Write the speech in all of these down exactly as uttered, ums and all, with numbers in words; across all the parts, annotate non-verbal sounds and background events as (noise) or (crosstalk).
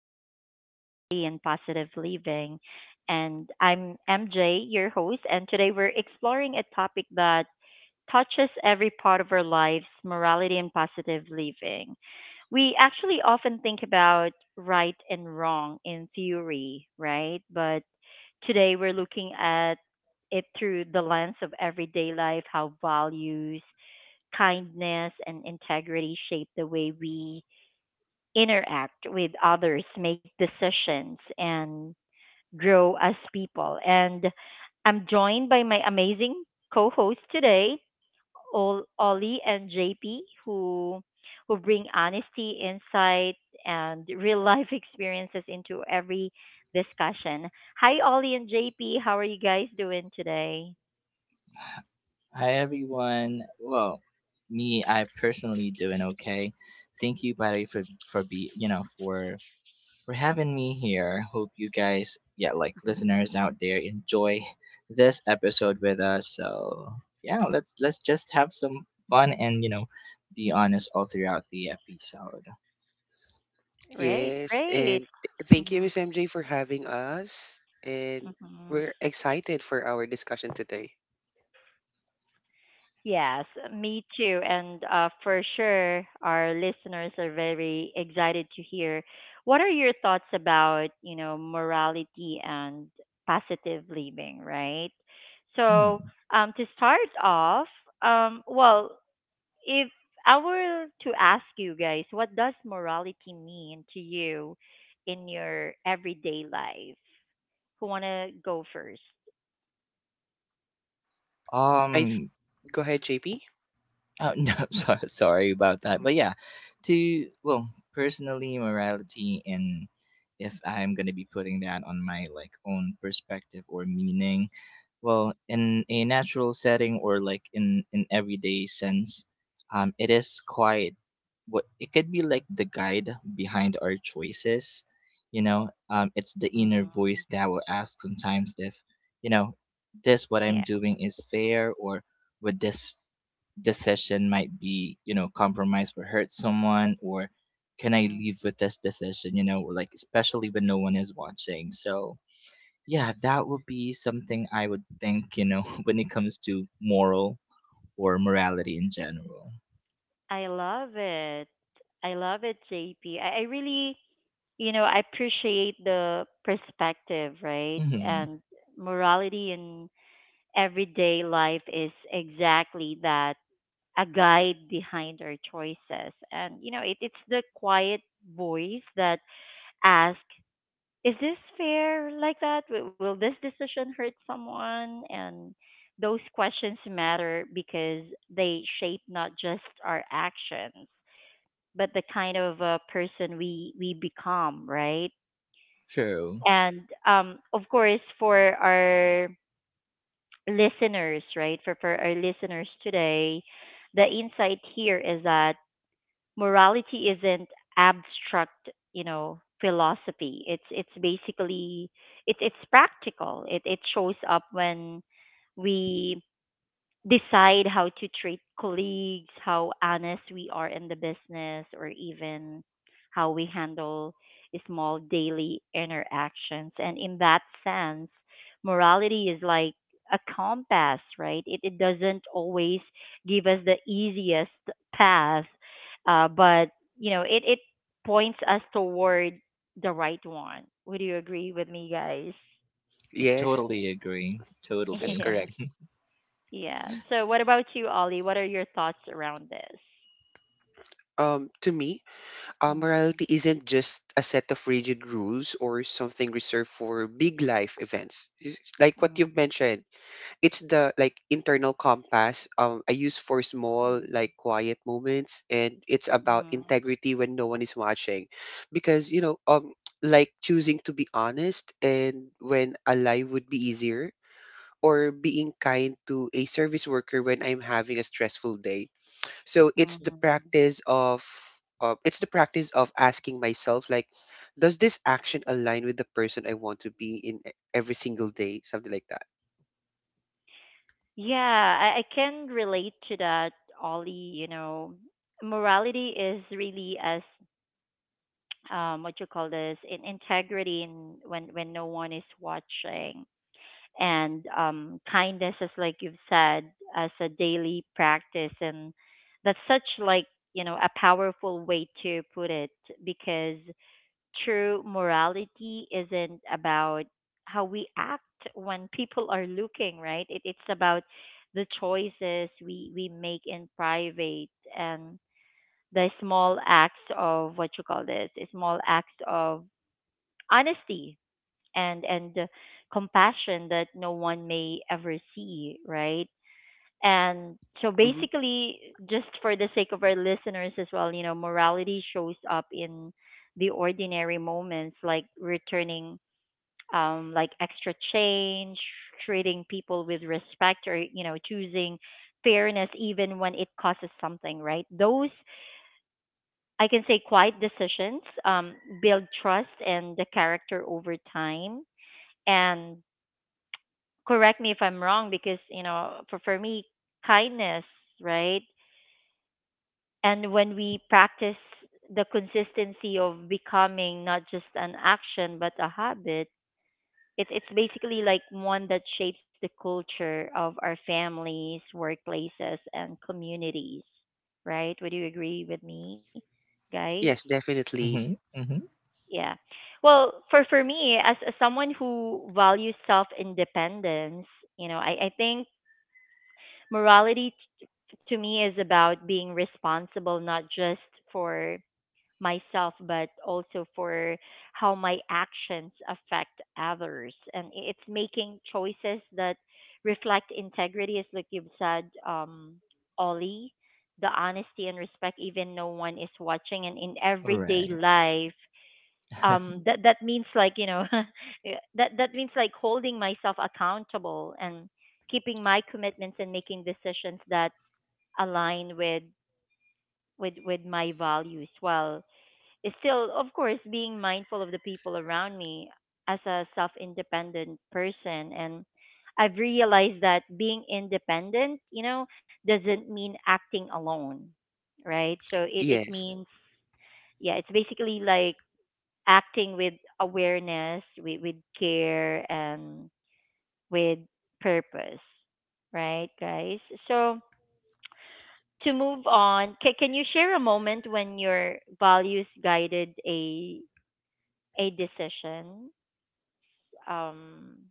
about morality and positive living. And I'm M J, your host. And today we're exploring a topic that touches every part of our lives morality and positive living. We actually often think about right and wrong in theory, right? But today we're looking at it through the lens of everyday life, how values, kindness, and integrity shape the way we interact with others, make decisions, and grow as people. And I'm joined by my amazing co hosts today, Ol- Ollie and J P, who who bring honesty, insight, and real life (laughs) experiences into every discussion. Hi, Ollie and J P. How are you guys doing today? Hi everyone. Well, me, I personally doing okay. Thank you, buddy, for for be you know for for having me here. Hope you guys, yeah, like Mhm. listeners out there, enjoy this episode with us. So yeah, let's let's just have some fun and you know be honest all throughout the episode. Great, Yes, great. and th- thank you, Mm-hmm. Miss M J, for having us. And we're Mm-hmm. excited for our discussion today. Yes, me too. And uh, for sure, our listeners are very excited to hear. What are your thoughts about, you know, morality and positive living, right? So, Hmm. um, to start off, um, well, if I were to ask you guys, what does morality mean to you in your everyday life? Who wanna go first? I th- Um. Go ahead, J P. Oh, no, (laughs) so, sorry about that. Mm, But yeah, to, well, personally, morality, and if I'm going to be putting that on my like own perspective or meaning, well, in a natural setting or like in an everyday sense, um, it is quite what it could be like the guide behind our choices. You know, um, it's the inner Mm-hmm. voice that will ask sometimes if, you know, this what I'm Yeah. doing is fair, or would this decision might be you know compromised or hurt someone, or can I leave Mm-hmm. with this decision, you know or like especially when no one is watching. So yeah, that would be something I would think, you know (laughs) when it comes to moral or morality in general. I love it. I love it, J P. I, I really, you know, I appreciate the perspective, right? Hmm. And morality in everyday life is exactly that a guide behind our choices. And, you know, it, it's the quiet voice that asks, is this fair like that? Will will this decision hurt someone? And those questions matter because they shape not just our actions but the kind of uh, person we we become, right? True. And um, of course, for our listeners, right? For for our listeners today, the insight here is that morality isn't abstract, you know, philosophy. It's it's basically it's it's practical. It it shows up when we decide how to treat colleagues, how honest we are in the business, or even how we handle small daily interactions. And in that sense, morality is like a compass, right? It, it doesn't always give us the easiest path, uh, but you know, it, it points us toward the right one. Would you agree with me, guys? Yes, Totally agree. (laughs) that is Totally. Yeah. correct. Yeah. So what about you, Ollie? What are your thoughts around this? Um, to me, uh, Mhm. morality isn't just a set of rigid rules or something reserved for big life events. It's like what you've Mhm. mentioned, it's the like internal compass um I use for small like Mhm. quiet moments, and it's about Mhm. integrity when no one is watching, because you know um (tsk) like choosing to be honest and when a lie would be easier, or being kind to a service worker when I'm having a stressful day. So it's the Mhm. practice of uh, it's the practice of asking myself, like, does this action align with the person I want to be in e- every single day, something like that. Yeah, I, I can relate to that, Ollie. You know, morality is really as (tsk) um, what you call this in integrity in when when no one is watching, and um, kindness is like you've said as a daily practice, and that's such like you know a powerful way to put it because true morality isn't about how we act when people are looking, right? It, it's about the choices we, we make in private and the small acts of what you call this, small acts of honesty and and compassion that no one may ever see, right? And so Mm-hmm. basically, just for the sake of our listeners as well, you know, morality shows up in the ordinary moments like returning um like extra change, treating people with respect or, you know, choosing fairness even when it costs something, right? Those I can say quiet decisions um build trust and the character over time. And correct me if I'm wrong because, you know, for for me kindness, right? And when we practice the consistency of becoming not just an action but a habit it, it's basically like one that shapes the culture of our families workplaces and communities, right? Would you agree with me, guys? Yes, definitely. Mm-hmm. Mm-hmm. Yeah, well, for for me as, as someone who values self independence, you know, i i think morality t- to me is about being responsible not just for myself, but also for how my actions affect others. And i- it's making choices that reflect integrity, as like you've said, um, Ollie, the honesty and respect, even no one is watching. And in All everyday right. life, um, that that means like you know, (laughs) yeah, that that means like holding myself accountable and keeping my commitments and making decisions that align with with with my values. Well, is still, of course, being mindful of the people around me as a self independent person. And I've realized that being independent, you know, doesn't mean acting alone, right? So it, it Yes. means, yeah, it's basically like acting with awareness, with, with care, and with purpose, right, guys? So to move on, can, can you share a moment when your values guided a a decision. Um,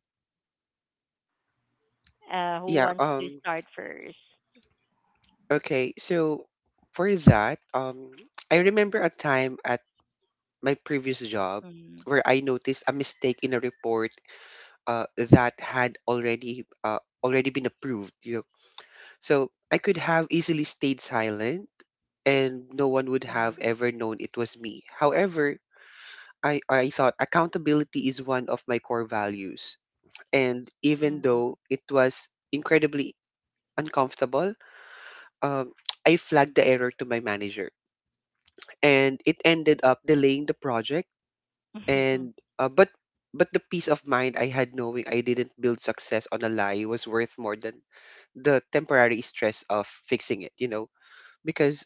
uh, who Yeah, wants to um start first? okay. So for that, um I remember a time at my previous job Mm, where I noticed a mistake in a report uh that had already uh already been approved, you know. So I could have easily stayed silent and no one would have ever known it was me. However, I, I thought accountability is one of my core values. And even mm, though it was incredibly uncomfortable, um, (tsk) I flagged the error to my manager, and it ended up delaying the project. mm. And (laughs) uh, but but the peace of mind I had knowing I didn't build success on a lie was worth more than the temporary stress of fixing it. You know, because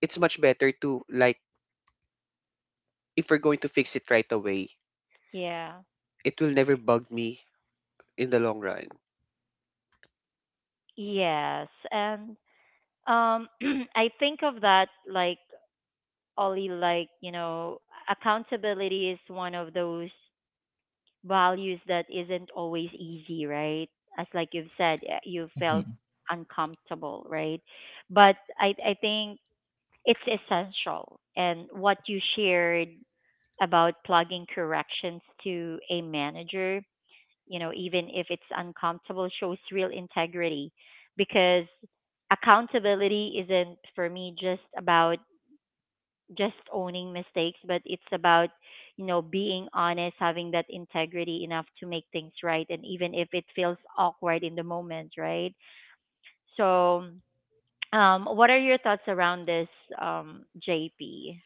it's much better to, like, if we're going to fix it right away, Yeah. it will never bug me in the long run. Yes, and um, (clears throat) I think of that like Ollie, like you know, accountability is one of those values that isn't always easy, right? As like you've said, eh, you felt Mm-hmm. uncomfortable, right? But I I think it's essential, and what you shared about plugging corrections to a manager, you know, even if it's uncomfortable, shows real integrity because accountability isn't for me just about just owning mistakes, but it's about, you know, being honest, having that integrity enough to make things right. And even if it feels awkward in the moment, right? So, um, what are your thoughts around this, um, J P?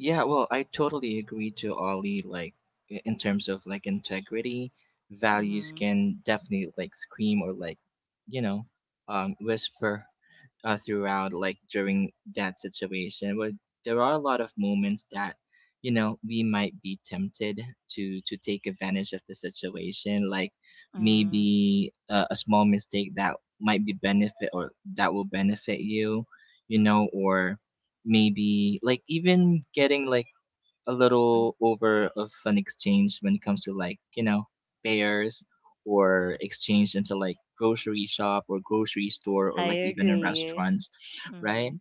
Yeah, well, I totally agree to Ollie. Like, i- in terms of like integrity, Mm-hmm. values can definitely like scream or like, you know, um, whisper uh, throughout like during that situation, but there are a lot of moments that you know we might be tempted to to take advantage of the situation, like Mm, maybe uh, a small mistake that might be benefit or that will benefit you, you know or maybe like even getting like a little over of an exchange when it comes to like you know fairs or exchange into like grocery shop or grocery store, I or like even in agree. restaurants, Mm. right?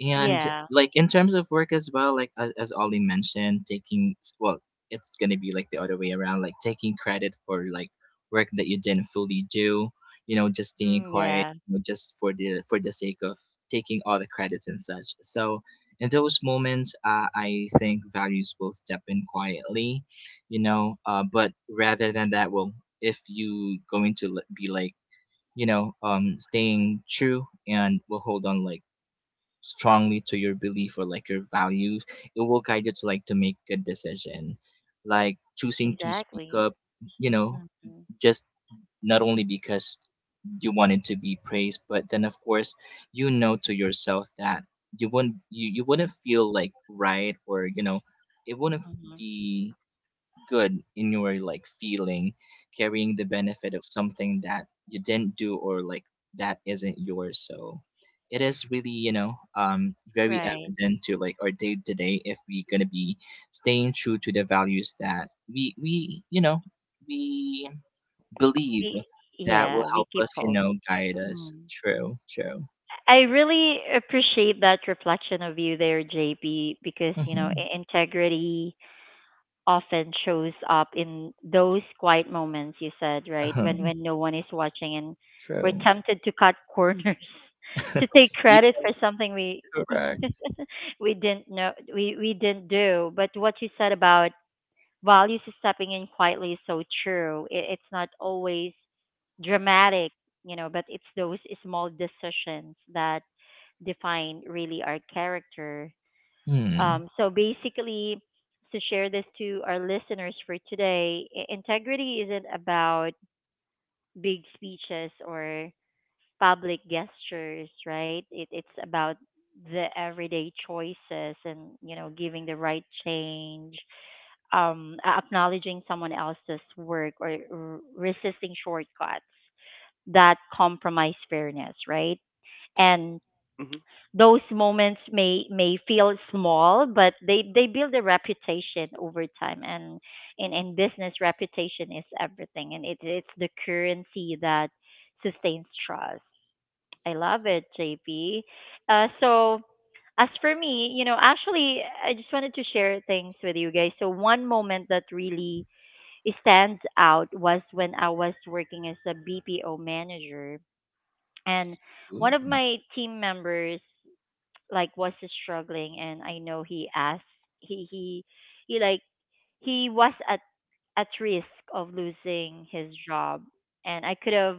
And Yeah. like in terms of work as well, like as, as Ollie mentioned, taking, well, it's gonna be like the other way around, like taking credit for like work that you didn't fully do, you know, just staying Mm, quiet, yeah. you know, just for the for the sake of taking all the credits and such. So in those moments, uh, I think values will step in quietly, you know. Uh, but rather than that, well, if you going to li- be like, you know, um, staying true and will hold on like strongly to your belief or like your values, it will guide you to like to make a decision, like choosing to speak Exactly. up, you know, Mm-hmm. just not only because you wanted to be praised, but then of course you know to yourself that you wouldn't you, you wouldn't feel like right, or you know it wouldn't Mm-hmm. be good in your like feeling carrying the benefit of something that you didn't do or like that isn't yours. So it is really, you know, um, very Right. evident to like our day to day if we're gonna be staying true to the values that we we you know we believe We, that will yeah, we help keep us, you hold. know, guide us. Mm. True, true. I really appreciate that reflection of you there, J P, because, you know, Mm-hmm. i- integrity often shows up in those quiet moments you said, right? When Uh-huh. when no one is watching and we're True. tempted to cut corners, (laughs) to (laughs) take You credit for something we (laughs) correct. we didn't know we, we didn't do. But what you said about values is stepping in quietly is so true. It, it's not always dramatic, you know, but it's those small decisions that define really our character. Hmm. Um, so basically, to share this to our listeners for today, i- integrity isn't about big speeches or public gestures, right? It, it's about the everyday choices and you know giving the right change um, a- acknowledging someone else's work or r- resisting shortcuts that compromise fairness, right? And Hmm. those moments may may feel small, but they they build a reputation over time, and and, and business reputation is everything, and it, it's the currency that sustains trust. I love it, J P. Uh, so as for me, you know, actually, I just wanted to share things with you guys. So one moment that really stands out was when I was working as a B P O manager and one Ooh. of my team members like was struggling and I know he asked he he he like he was at at risk of losing his job and I could have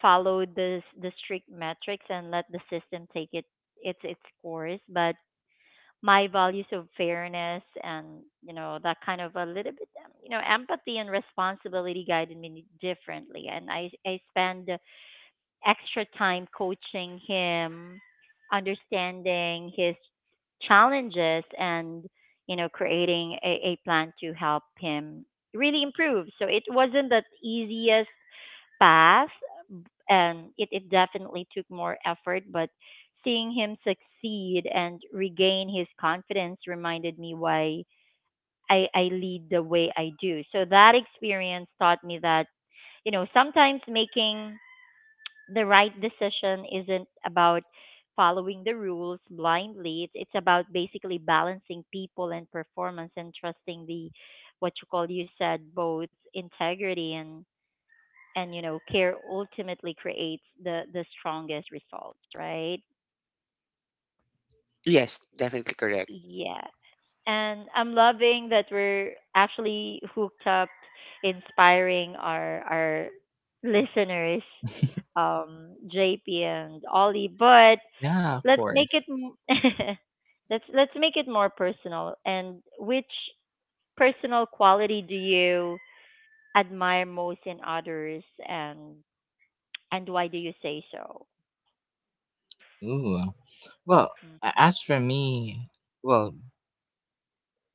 followed the the strict metrics and let the system take it its its course but my values of fairness and you know that kind of a little bit um, you know empathy and responsibility guided me differently and i i spend extra time coaching him understanding his challenges and you know creating a, a plan to help him really improve so it wasn't the easiest path and it, it definitely took more effort but seeing him succeed and regain his confidence reminded me why I, I lead the way I do. So that experience taught me that, you know, sometimes making the right decision isn't about following the rules blindly. It's, it's about basically balancing people and performance and trusting the what you call you said both integrity and and you know care ultimately creates the the strongest results, right? Yes, definitely correct. Yeah. And I'm loving that we're actually hooked up inspiring our our listeners, um JP and Ollie, but Yeah, of let's make course. it m- (laughs) let's let's make it more personal, and which personal quality do you admire most in others and and why do you say so? Ooh. Well, a- as for me, well,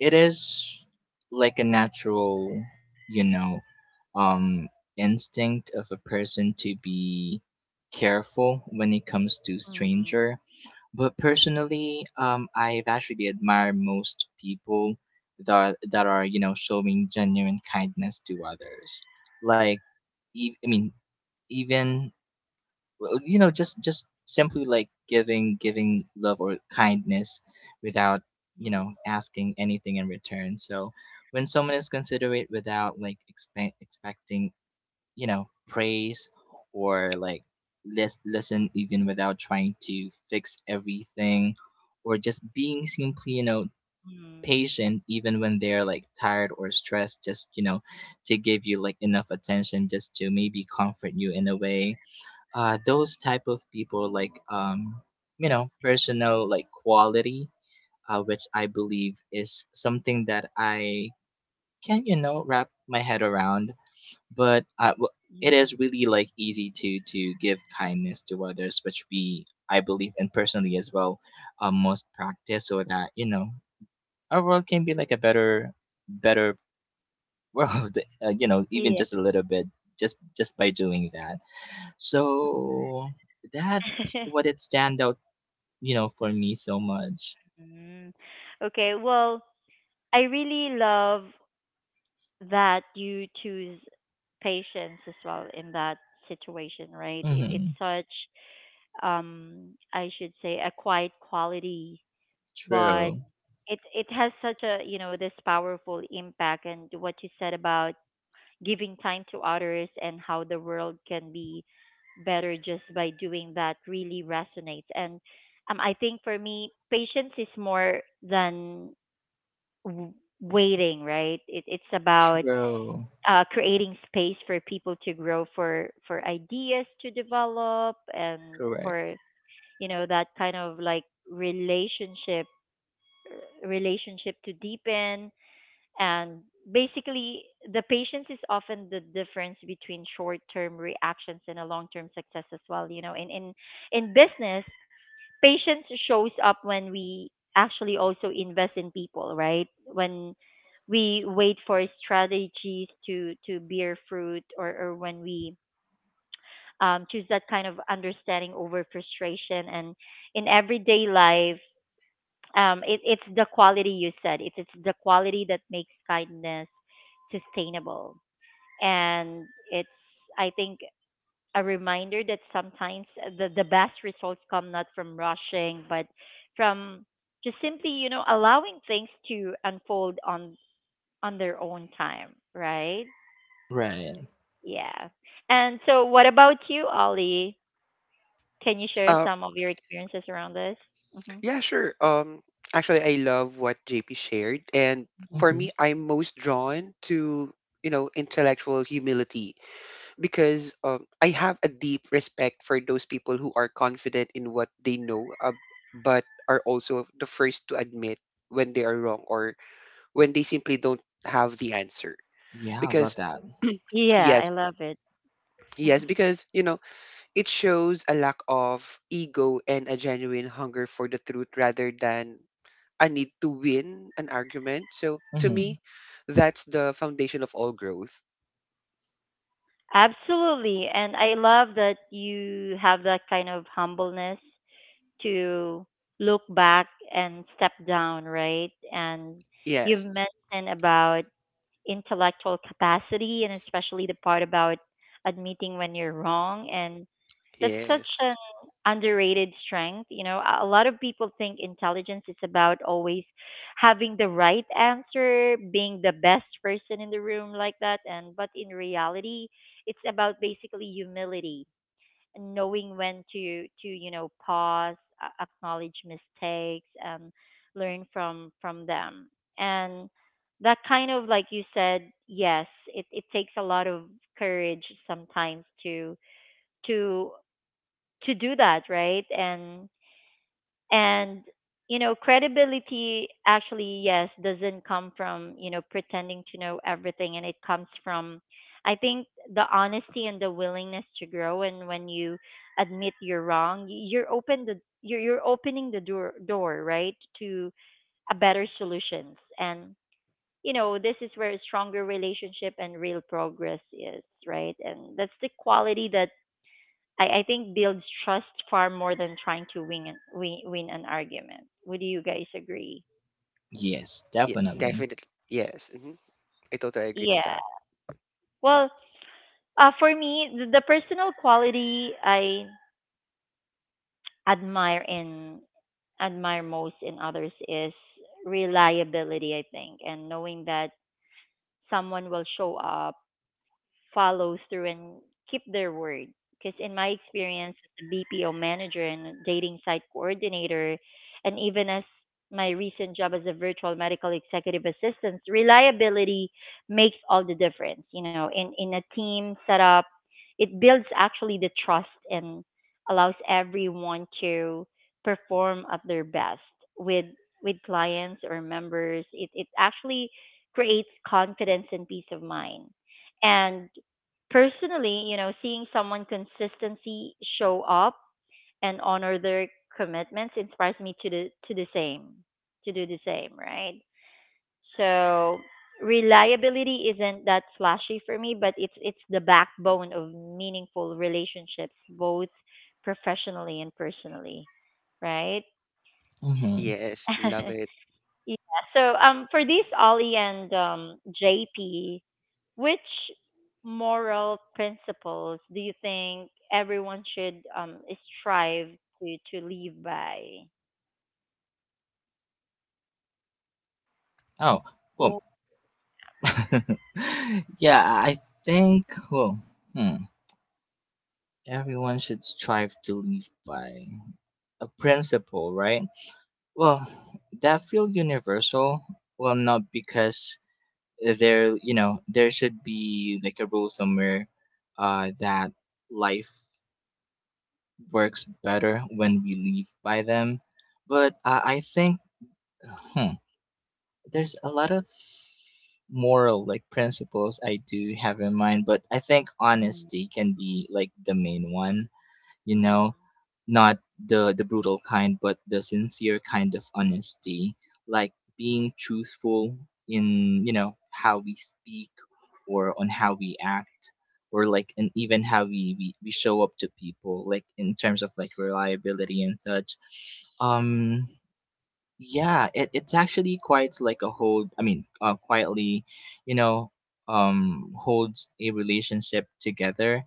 it is like a natural, you know, um, instinct of a person to be careful when it comes to Mm-hmm. stranger. But personally, um, I've actually admired most people that are, that are you know showing genuine kindness to others. Like, ev- I mean, even, well, you know just just simply like giving giving love or kindness without you Mm, know asking anything in return. So when someone is considerate without like expe- expecting you know praise, or like lis- listen even without trying to fix everything, or just being simply, you know, mm, patient even when they're like tired or stressed, just you know, to give you like enough attention just to maybe comfort you in a way. Uh those type of people, like, um you know, personal like quality, uh, which I believe is something that I can, you know, wrap my head around. but I, w- it mm. is really like easy to to give kindness to others, which we, I believe, and personally as well, uh, must practice so that you know our world can be like a better better (laughs) world, uh, you know, even Yeah. (laughs) just a little bit, just just by doing that. So that's what it stand out, you know, for me so much. Mm. Okay, well, I really love that you choose patience as well in that situation, right? It, it's Mm-hmm. such, um, I should say, a quiet quality, but True, it it has such a you know this powerful impact. And what you said about giving time to others, and how the world can be better just by doing that really resonates. And um, I think for me, patience is more than w- waiting, right? It, it's about true. uh, creating space for people to grow, for for ideas to develop, and Correct. for you know that kind of like relationship uh, relationship to deepen and basically, the patience is often the difference between short-term reactions and a long-term success as well. You know, in in in business, patience shows up when we actually also invest in people, right? When we wait for strategies to to bear fruit, or or when we um, choose that kind of understanding over frustration, and in everyday life um, it, it's the quality you said. It's it's the quality that makes kindness sustainable, and it's I think a reminder that sometimes the the best results come not from rushing, but from just simply you know allowing things to unfold on on their own time, right? Right. Yeah. And so, what about you, Ollie? Can you share Uh, some of your experiences around this? hmm Yeah, sure. Um, actually, I love what J P shared, and hmm for Mm-hmm. me, I'm most drawn to, you know, intellectual humility, because um, I have a deep respect for those people who are confident in what they know, uh, but are also the first to admit when they are wrong, or when they simply don't have the answer. Yeah, I love Because that. Yeah, I yes, love it. yes, because, you know, it shows a lack of ego and a genuine hunger for the truth rather than I need to win an argument. So to me, Mm-hmm. that's the foundation of all growth. Absolutely. And I love that you have that kind of humbleness to look back and step down, right? And you've Yes, mentioned about intellectual capacity and especially the part about admitting when you're wrong, and that's such yes, an underrated strength. You know, a a lot of people think intelligence is about always having the right answer, being the best person in the room like that, and but in reality it's about basically humility, knowing when to to you know pause, a- acknowledge mistakes and learn from from them. And that kind of, like you said, yes, it it takes a lot of courage sometimes to to to do that, right? And and you know credibility actually, yes, doesn't come from you know pretending to know everything, and it comes from, I think, the honesty and the willingness to grow. And when you admit you're wrong, you're open the, you're, you're opening the door door, right, to a better solutions. And you know this is where a stronger relationship and real progress is, right? And that's the quality that I, I think builds trust far more than trying to win an, win, win an argument. Would you guys agree? Yes, yeah, definitely. definitely. Yes, hmm, I totally agree to Yeah. that. Well, uh, for me, the, the personal quality I admire in admire most in others is reliability, I think. And knowing that someone will show up, follows through, and keep their word. Because in my experience as a B P O manager and a dating site coordinator, and even as my recent job as a virtual medical executive assistant, reliability makes all the difference. You know, in, in a team setup, it builds actually the trust and allows everyone to perform at their best with with clients or members. It it actually creates confidence and peace of mind. And personally, you know, seeing someone consistency show up and honor their commitments inspires me to do to the same, to do the same, right? So reliability isn't that flashy for me, but it's it's the backbone of meaningful relationships, both professionally and personally, right? Mhm. Yes, love (laughs) it. Yeah. So um for these Ollie and um J P, which moral principles do you think everyone should um strive to to live by? Oh, well, Oh, (laughs) yeah, I think, well, hmm, everyone should strive to live by a principle, right? Well, that feel universal. Well, not because there, you know, there should be like a rule somewhere, uh, that life works better when we live by them. But uh, I think, hmm, there's a lot of moral like principles I do have in mind, but I think mm, honesty can be like the main one, you mm, know, not the the brutal kind, but the sincere kind of honesty, like being truthful in, you know, how we speak, or on how we act, or like and even how we, we we show up to people like in terms of like reliability and such. mm. um yeah, it, it's actually quite like a hold. I mean, uh, quietly, you know, um, holds a relationship together,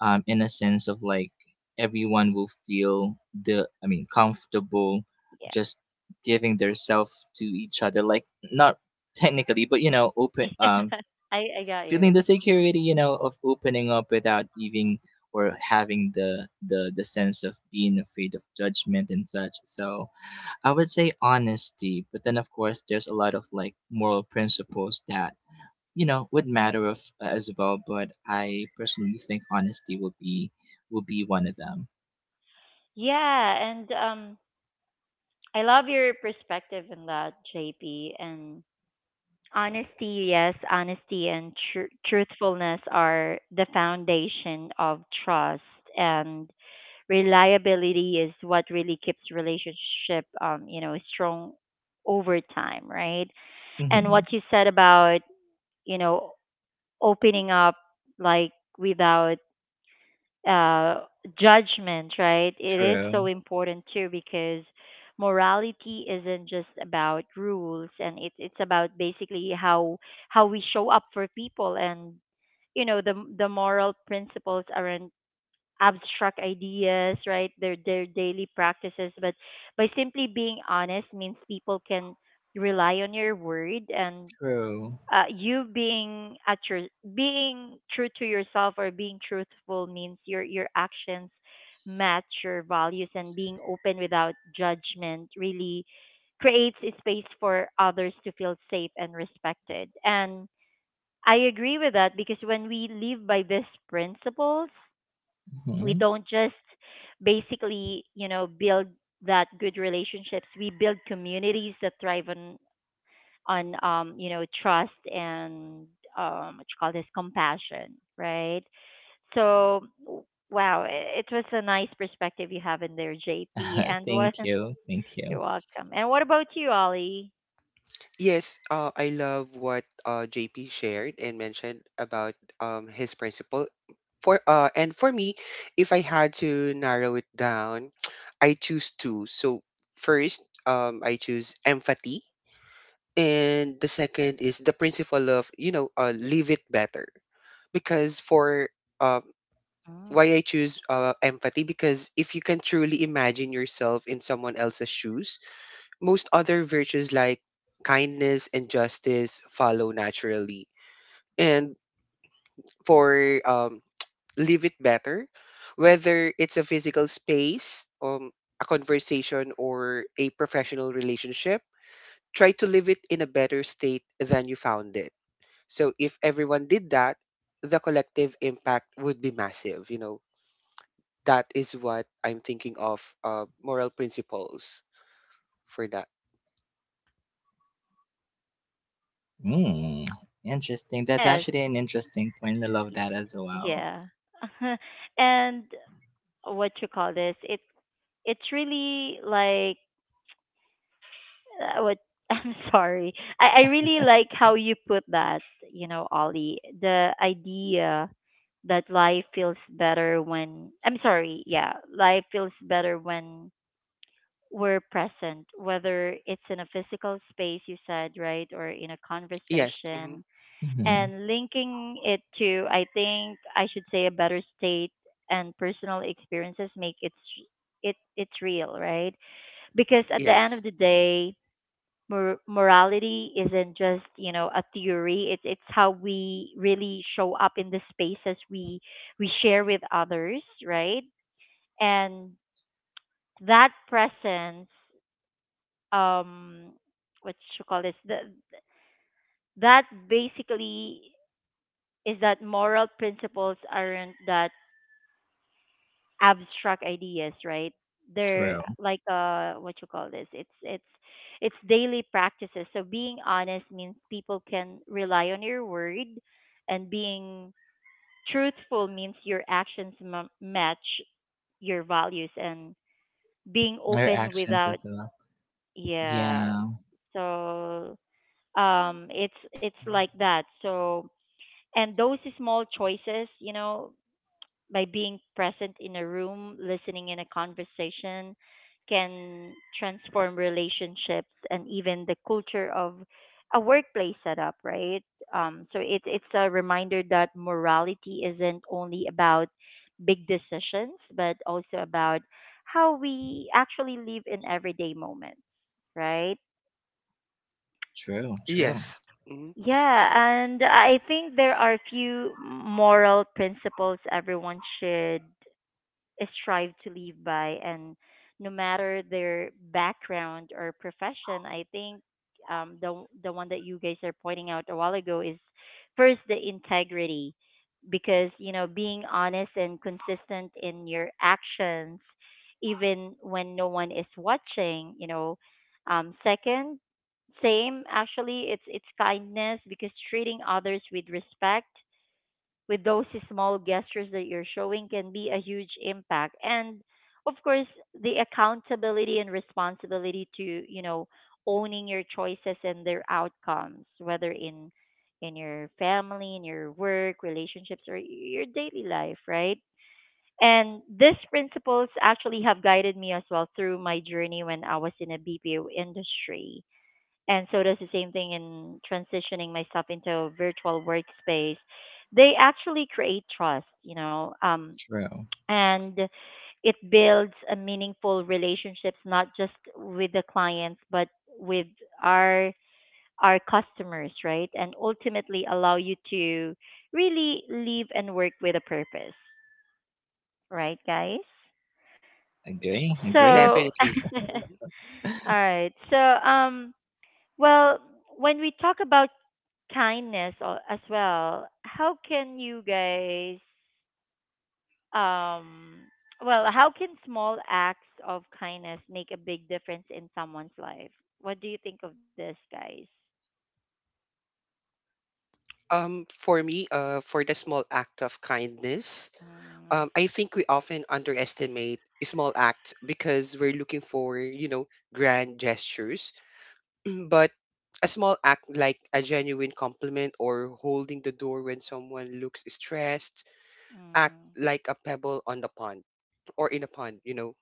um, in a sense of like everyone will feel the. I mean, comfortable, Yeah. just giving their self to each other. Like not technically, but you know, open. Um, (laughs) I I got feeling you. the security, you know, of opening up without even or having the the the sense of being afraid of judgment and such. So I would say honesty, but then of course there's a lot of like moral principles that you know would matter of, uh, as well. But I personally think honesty will be will be one of them. Yeah, and um I love your perspective on that, J P. And honesty, yes, honesty and tr- truthfulness are the foundation of trust, and reliability is what really keeps relationship, um, you know, strong over time, right? And what Hmm. you said about, you know, opening up like without uh, judgment, right? It is so True. important too, because morality isn't just about rules, and it's it's about basically how how we show up for people. And you know the the moral principles aren't abstract ideas, right? They're they're daily practices. But by simply being honest means people can rely on your word. And True. uh, you being at your being true to yourself or being truthful means your your actions match your values. And being open without judgment really creates a space for others to feel safe and respected. And I agree with that, because when we live by these principles, we Hmm. don't just basically you know build that good relationships. We build communities that thrive on on um you know trust and um what you call this compassion, right? So w- wow, i- it was a nice perspective you have in there, JP. (laughs) And what Thank you. Thank (laughs) you. you're welcome. And what about you, Ollie? Yes, uh, I love what uh, J P shared and mentioned about um, his principle. For uh, and for me, if I had to narrow it down, (tsk) I choose two. So first, um, I choose empathy, and the second is the principle of, you know, uh, leave it better. Because for uh, why Mm. I choose uh, empathy, because if you can truly imagine yourself in someone else's shoes, most other virtues like kindness and justice follow naturally. And for um, leave it better, whether it's a physical space, um, a conversation, or a professional relationship, try to leave it in a better state than you found it. So if everyone did that, the collective impact would be massive. You know, that is what I'm thinking of, uh, moral principles for that. Mm, interesting. That's Yes, actually an interesting point. I love that as well. yeah. (laughs) And what you call this, it it's really like, I would, (laughs) I'm sorry. I, I really like how you put that, you know, Ollie. The idea that life feels better when, I'm sorry, yeah, life feels better when we're present, whether it's in a physical space, you said, right, or in a Yes. Hmm. conversation. Hmm. And linking it to, I think I should say, a better state and personal experiences make it, it it's real, right? Because at the end Yes. of the day, mor- morality isn't just you know a theory. it's it's how we really show up in the spaces we we share with others, right? And that presence, um, what you call this, the, that, basically, is that moral principles aren't that abstract ideas, right? They're uh, True. like uh what you call this? It's it's it's daily practices. So being honest means people can rely on your word, and being truthful means your actions m- match your values, and being Her open actions without, as well. yeah. Yeah. So um it's it's like that. So and those small choices, you know, by being present in a room, listening in a conversation, can transform relationships and even the culture of a workplace setup, right? Um, so it, it's a reminder that morality isn't only about big decisions, but also about how we actually live in everyday moments, right? True. True. Yes. Hmm. Yeah, and I think there are a few moral principles everyone should strive to live by. And no matter their background or profession, I think um, the the one that you guys are pointing out a while ago is first the integrity, because you know being honest and consistent in your actions, even when no one is watching. You know, um, second, same actually, it's it's kindness, because treating others with respect with those small gestures that you're showing can be a huge impact. And of course the accountability and responsibility to you know owning your choices and their outcomes, whether in in your family, in your work relationships, or your daily life, right? And these principles actually have guided me as well through my journey when I was in a B P O industry, and so does the same thing in transitioning myself into a virtual workspace. They actually create trust, you know, um, True. and it builds a meaningful relationships, not just with the clients, but with our our customers, right? And ultimately allow you to really live and work with a purpose, right, guys? Agree. So, Agree. Definitely. (laughs) all Hmm. right. So, um, well, when we talk about kindness al- as well. How can you guys, um, well, how can small acts of kindness make a big difference in someone's life? What do you think of this, guys? Um, for me, uh, for the small act of kindness, Mm, um, I think we often underestimate small acts because we're looking for, you know, grand gestures. But a small act like a genuine compliment or holding the door when someone looks stressed act mm, like a pebble on the pond, or in a pond, you know.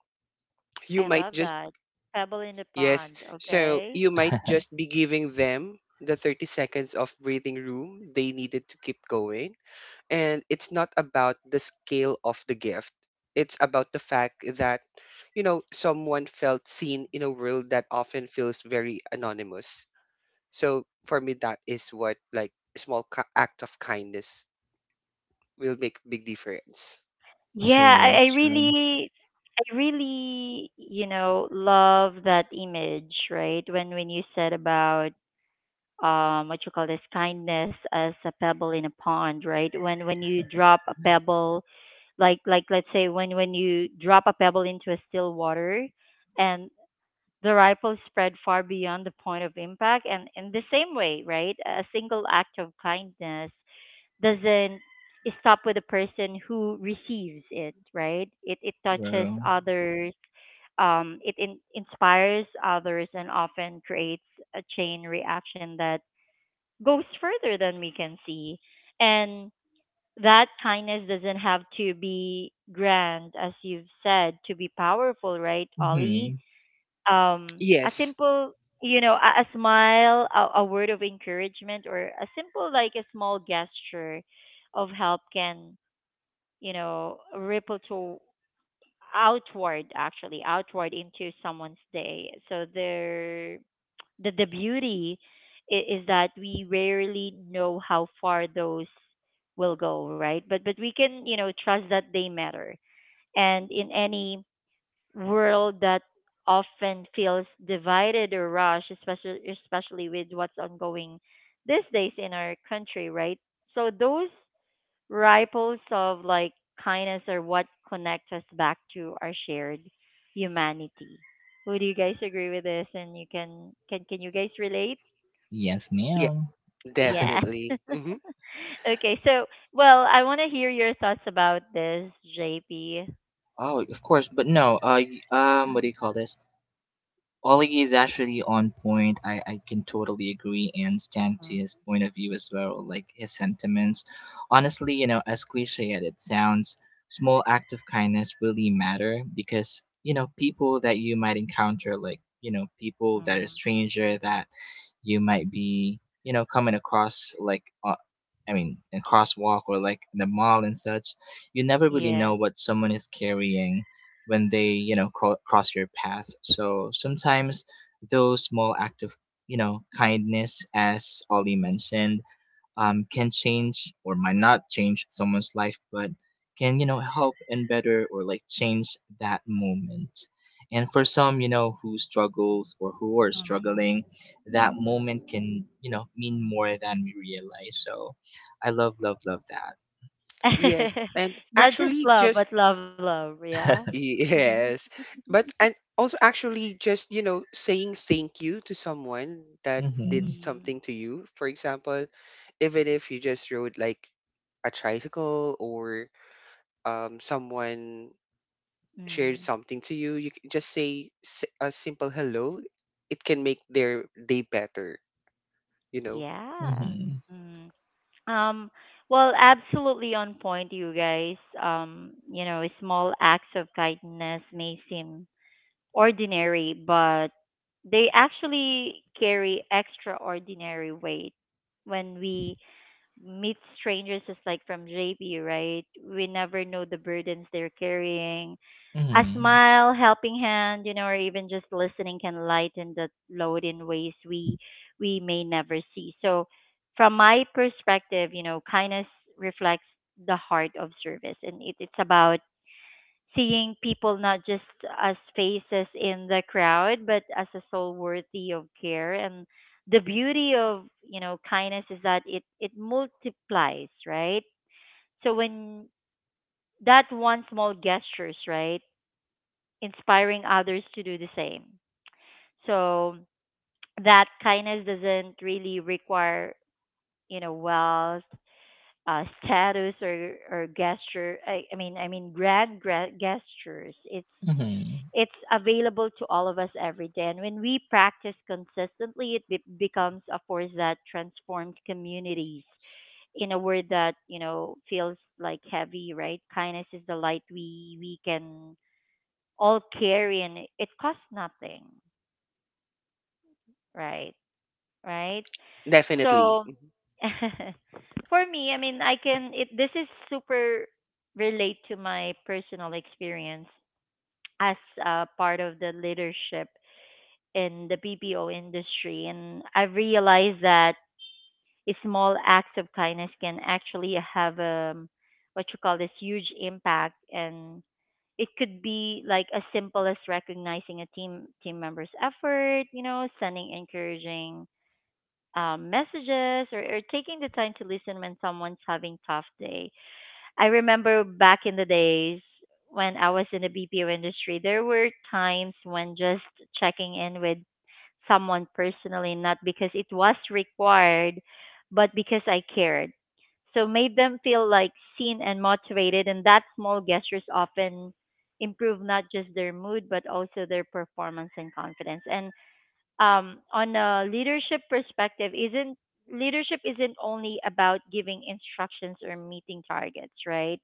You I might love just, that. Pebble in the yes, pond, so okay? you might (laughs) just be giving them the thirty seconds of breathing room they needed to keep going. And it's not about the scale of the gift, it's about the fact that, you know, someone felt seen in a world that often feels very anonymous. So for me, that is what, like, a small ki- act of kindness will make big difference. Yeah, True. I, I True. really, I really, you know, love that image, right? When when you said about um what you call this kindness as a pebble in a pond, right? when when you drop a pebble, like like let's say when when you drop a pebble into a still water, and the ripple spread far beyond the point of impact. And in the same way, right, a single act of kindness doesn't stop with the person who receives it, right, it it touches True. others, um, it in- inspires others and often creates a chain reaction that goes further than we can see. And that kindness doesn't have to be grand, as you've said, to be powerful, right, Ollie? Hmm. Um, a Yes. simple, you know, a, a smile, a, a word of encouragement, or a simple, like a small gesture of help, can, you know, ripple to outward, actually, outward into someone's day. So there the the beauty is, is that we rarely know how far those will go, right? But but we can you know trust that they matter. And in any world that often feels divided or rushed, especially especially with what's ongoing these days in our country, right? So those ripples of like kindness are what connect us back to our shared humanity. Would you guys agree with this? And you can can can you guys relate? Yes, Yeah, ma'am. Yeah. definitely. Hmm. (laughs) Okay. So, well, I want to hear your thoughts about this, J P. Oh, of course, but no. Uh, y- um, what do you call this? Ollie is actually on point. I, I can totally agree and stand to his Mm, point of view as well, like his sentiments. Honestly, you know, as cliche as it sounds, small act of kindness really matter because, you know, people that you might encounter, like, you know, people that mm, are stranger that you might be, you know, coming across like uh, I mean, in crosswalk or like in the mall and such, you never really yeah. know what someone is carrying when they, you know, cro- cross your path. So sometimes those small act of, you know, kindness as Ollie mentioned, um, can change or might not change someone's life, but can, you know, help and better or like change that moment. And for some, you know, who struggles or who are Mm. struggling, that moment can, you know, mean more than we realize. So I love love love that. Yes. (laughs) And Not just actually love, just but love, love. Yeah. (laughs) Mhm. yes. But and also actually just, you know, saying thank you to someone that did Mm-hmm. Mm, something to you. For example, even if you just rode like a tricycle or um someone shared mm. something to you, you can just say s- a simple hello. It can make their day better, you know? Yeah. Mm-hmm. Mm. Um, well, absolutely on point, you guys. Um, you know, small acts of kindness may seem ordinary, but they actually carry extraordinary weight. When we meet strangers, just like from J P, right? We never know the burdens they're carrying. A Mm-hmm. smile, helping hand, you know, or even just listening can lighten that load in ways we we may never see. So, from my perspective, you know, kindness reflects the heart of service, and it, it's about seeing people not just as faces in the crowd, but as a soul worthy of care. And the beauty of you know kindness is that it it multiplies, right? So when that one small gestures, right, inspiring others to do the same. So that kindness doesn't really require you know wealth, uh, status or or gesture, I, I mean I mean grand gra- gestures. it's Mm-hmm. it's available to all of us every day. And when we practice consistently, it be- becomes a force that transforms communities in a word that, you know, feels like heavy, right? Kindness is the light we, we can all carry, and it it costs nothing, right? Right? Definitely. So (laughs) for me, I mean, I can, it, this is super relate to my personal experience as uh, part of the leadership in the B P O industry, and I've realized that small acts of kindness can actually have um what you call this huge impact, and it could be like as simple as recognizing a team team member's effort, you know, sending encouraging um, messages or, or taking the time to listen when someone's having tough day. I remember back in the days when I was in the B P O industry, there were times when just checking in with someone personally, not because it was required, but because I cared. So made them feel like seen and motivated, and that small gestures often improve not just their mood but also their performance and confidence. And um, on a leadership perspective, isn't leadership isn't only about giving instructions or meeting targets, right?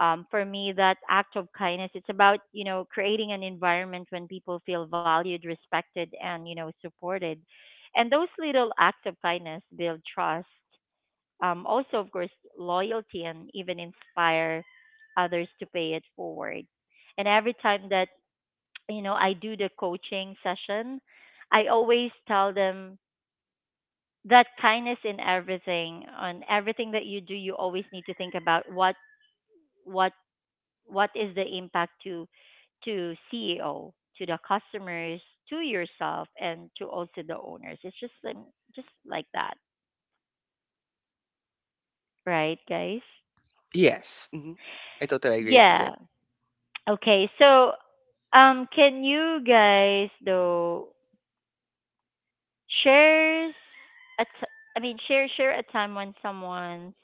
um, for me that act of kindness, it's about, you know, creating an environment when people feel valued, respected, and, you know, supported, and those little acts of kindness build trust, um, also of course loyalty, and even inspire others to pay it forward. And every time that, you know, I do the coaching session, I always tell them that kindness in everything, on everything that you do, you always need to think about what what what is the impact to to C E O, to the customers, to yourself, and to also the owners. It's just like, just like that, right, guys? Yes. Hmm. I totally agree to Yeah. that. Okay. So, um, can you guys though shares a t- I mean share share a time when someone's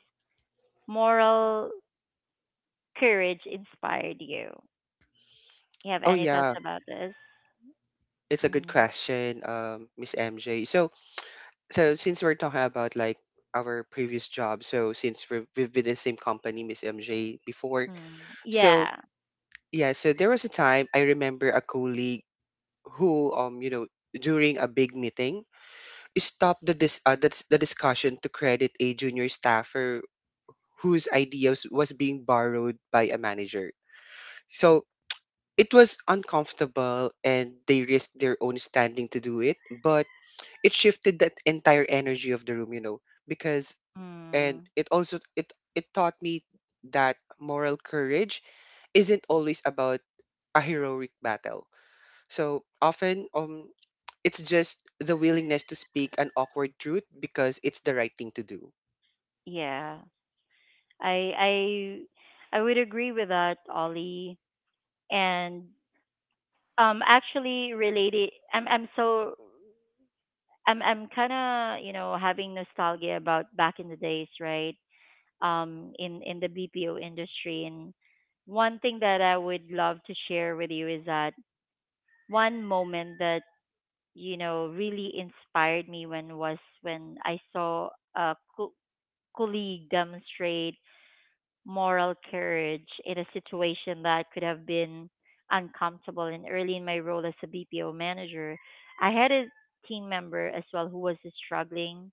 moral courage inspired you? You have Oh any thoughts yeah, about this? it's a good Mm, question, um, Miss M J. So, so since we're talking about like our previous job, so since we're, we've been in the same company, Miss M J, before, mm, so yeah. yeah, so there was a time I remember a colleague who, um, you know, during a big meeting, stop the dis uh, the, dis- the discussion to credit a junior staffer whose ideas was being borrowed by a manager. So it was uncomfortable and they risked their own standing to do it, but it shifted that entire energy of the room, you know, because, and Mm, it also it it taught me that moral courage isn't always about a heroic battle. So often, um, it's just the willingness to speak an awkward truth because it's the right thing to do. yeah. I I I would agree with that, Ollie. And um, actually related, I'm I'm so I'm I'm kind of, you know, having nostalgia about back in the days, right? Um, in in the B P O industry, and one thing that I would love to share with you is that one moment that, you know, really inspired me when was when I saw a co- colleague demonstrate moral courage in a situation that could have been uncomfortable. And early in my role as a B P O manager, I had a team member as well who was struggling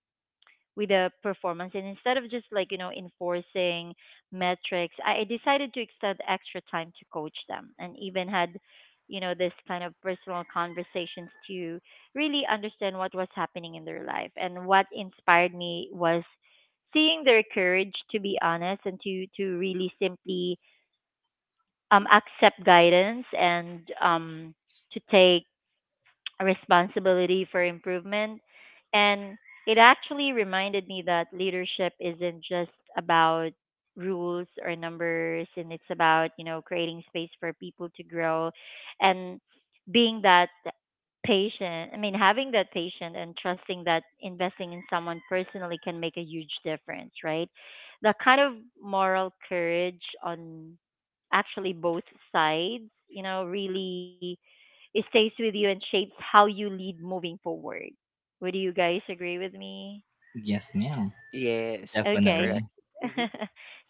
with the performance, and instead of just, like, you know, enforcing metrics, i I decided to extend extra time to coach them and even had, you know, this kind of personal conversations to really understand what was happening in their life. And what inspired me was seeing their courage to be honest and to to really simply um accept guidance and um to take responsibility for improvement. And it actually reminded me that leadership isn't just about rules or numbers, and it's about, you know, creating space for people to grow and being that patient. I mean, having that patient and trusting that investing in someone personally can make a huge difference, right? The kind of moral courage on actually both sides, you know, really, it stays with you and shapes how you lead moving forward. Would you guys agree with me? Yes, ma'am. Yes, that's Okay. Definitely. correct. Hmm. (laughs)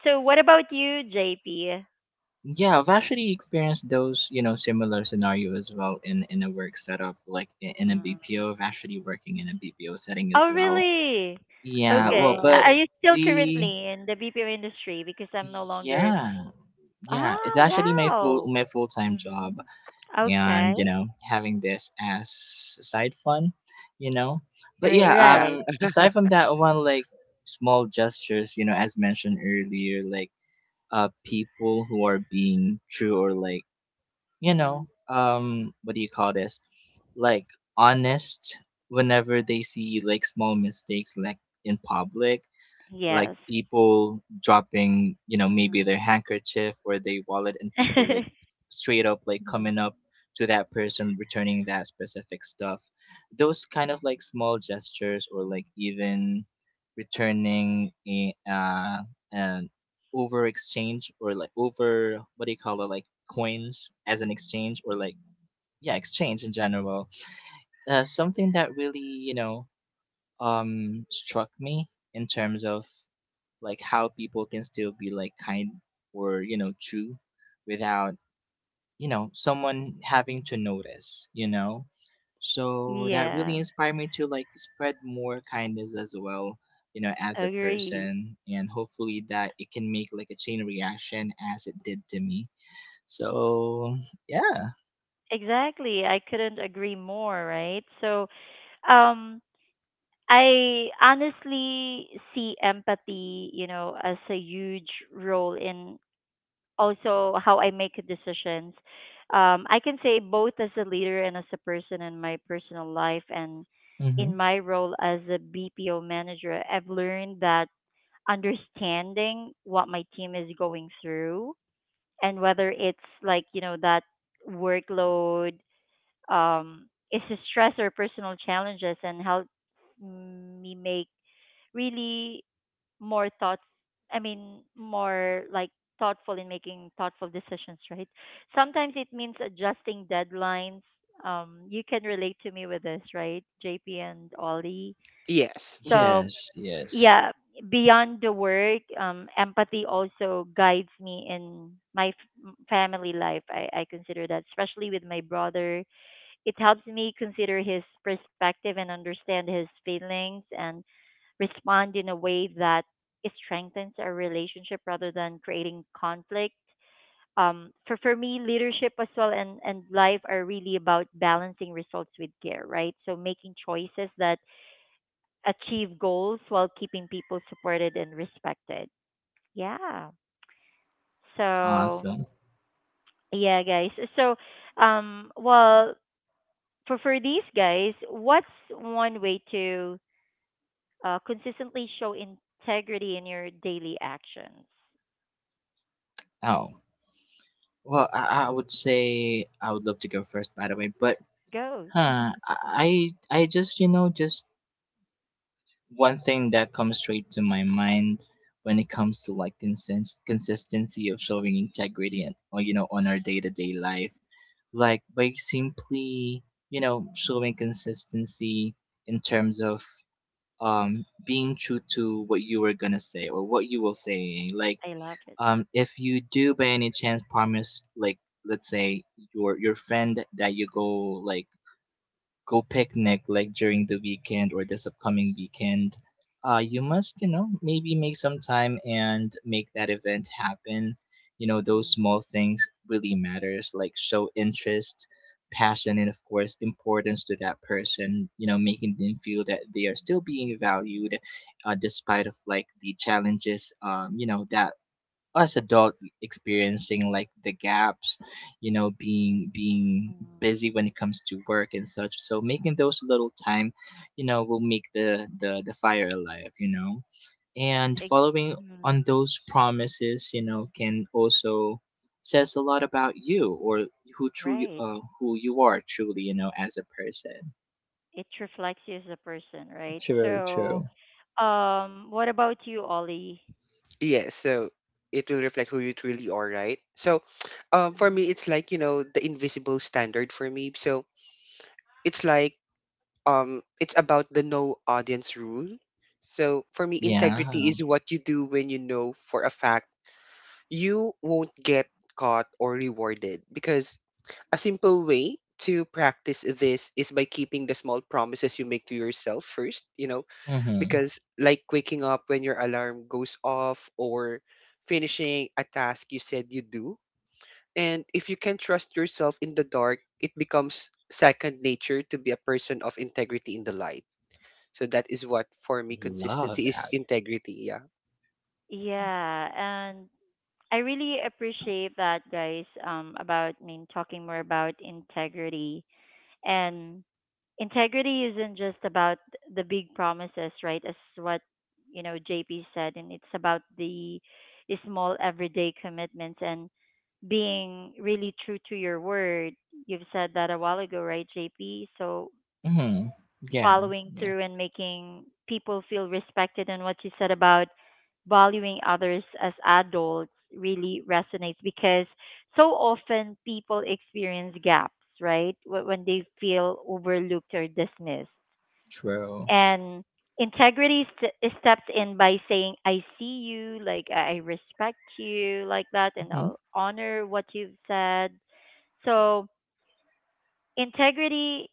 So what about you, J P? Yeah, I've actually experienced those, you know, similar scenario as well in in a work setup, like i- in a Mm. B P O. I've actually working in a B P O setting as Oh, well. really? Yeah, well, Okay. but A- Are Wow. you still we, currently in the B P O industry? Because I'm no longer. yeah, yeah, it's Oh, actually my full wow. my full time job, Hmm. and you Okay. know, having this as side fun, you know. But Right. yeah, Yeah. Right. um, aside (laughs) from that one, like small gestures, you know, as mentioned earlier, like uh people who are being true or like, you Mm. know, um, what do you call this? Like honest whenever they see like small mistakes like in public, like Yes. people dropping, you know, maybe Mm. their handkerchief or their wallet, and people like (laughs) s- straight up like Mhm. coming up to that person returning that specific stuff. Those kind of like small gestures, or like even returning a, uh an over exchange or like over what do you call it, like coins as an exchange, or like, yeah, exchange in general, uh, something that really, you know, um struck me in terms of like how people can still be like kind, or you know true, without you know someone having to notice, you know. So that really Yeah. inspired me to like spread more kindness as well, you know, as a Agree. person, and hopefully that it can make like a chain reaction as it did to me. So yeah. Exactly. I couldn't agree more, right? So, um, I honestly see empathy, you know, as a huge role in also how I make decisions. Um, I can say both as a leader and as a person in my personal life, and Mm-hmm. in my role as a B P O manager, I've learned that understanding what my team is going through, and whether it's like, you know, that workload um, is the stress or personal challenges, and help me make really more thoughts. I mean, more like thoughtful, in making thoughtful decisions, right? Sometimes it means adjusting deadlines. Um, you can relate to me with this, right, J P and Ollie? Yes. Hmm. So, Yes, yes. yeah, beyond the work, um, empathy also guides me in my f- m- family life. I, I consider that, especially with my brother. It helps me consider his perspective and understand his feelings and respond in a way that strengthens our relationship rather than creating conflict. Um, for, for me, leadership as well and, and life are really about balancing results with care, right? So making choices that achieve goals while keeping people supported and respected. Yeah. So, Awesome. yeah, guys. So, um, well, for for these guys, what's one way to Uh, consistently show integrity in your daily actions. Oh, well, I, I Mm. would say I would love to go first, by the way. But Go. huh, (laughs) I I just you know just one thing that comes straight to my mind when it comes to like consens- consistency of showing integrity and or you know on our day to day life, like by simply you know showing consistency in terms of um being true to what you were gonna say or what you will say, like I love it. um, if you do by any chance promise, like let's say your your friend that you go like go picnic like during the weekend or this upcoming weekend, uh, you must you know maybe make some time and make that event happen. You know those Mm, small things really matters. Like show interest, passion, and of course importance to that person. You know making them feel that they are still being valued, uh, despite of like the challenges um you know that us adult experiencing like the gaps you know being being mm. busy when it comes to work and such, so making those little time you know will make the the the fire alive, you know, and It- following on mm, those promises, you know, can also says a lot about you or who truly Right. uh, who you are truly, you know as a person. It reflects you as a person, right? True, So, true. um, what about you, Ollie? Yes. So it will reflect who you truly are, right? So (tsk) um, for me, Mm. it's like, you know, the invisible standard for me. So it's like, um, it's about the no audience rule. So for me, integrity Yeah. is what you do when you know for a fact you won't get caught or rewarded, because a simple way to practice this is by keeping the small promises you make to yourself first, you know, Mm-hmm. because like waking up when your alarm goes off, or finishing a task you said you do. And if you can trust yourself in the dark, it becomes second nature to be a person of integrity in the light. So that is what for me Love consistency that. is integrity, yeah. Yeah, and I really appreciate that, guys. Um, about I mean, talking more about integrity. And integrity isn't just about the big promises, right? As what, you know, J P said, and it's about the the small everyday commitments and being really true to your word. You've said that a while ago, right, J P? So Mm-hmm. Yeah. following Yeah. through and making people feel respected, and what you said about valuing others as adults really resonates because so often people experience gaps, right? Wh- When they feel overlooked or dismissed. True. And integrity st- steps in by saying, I see you, like I I respect you, like that, and I'll honor what you've said. So, integrity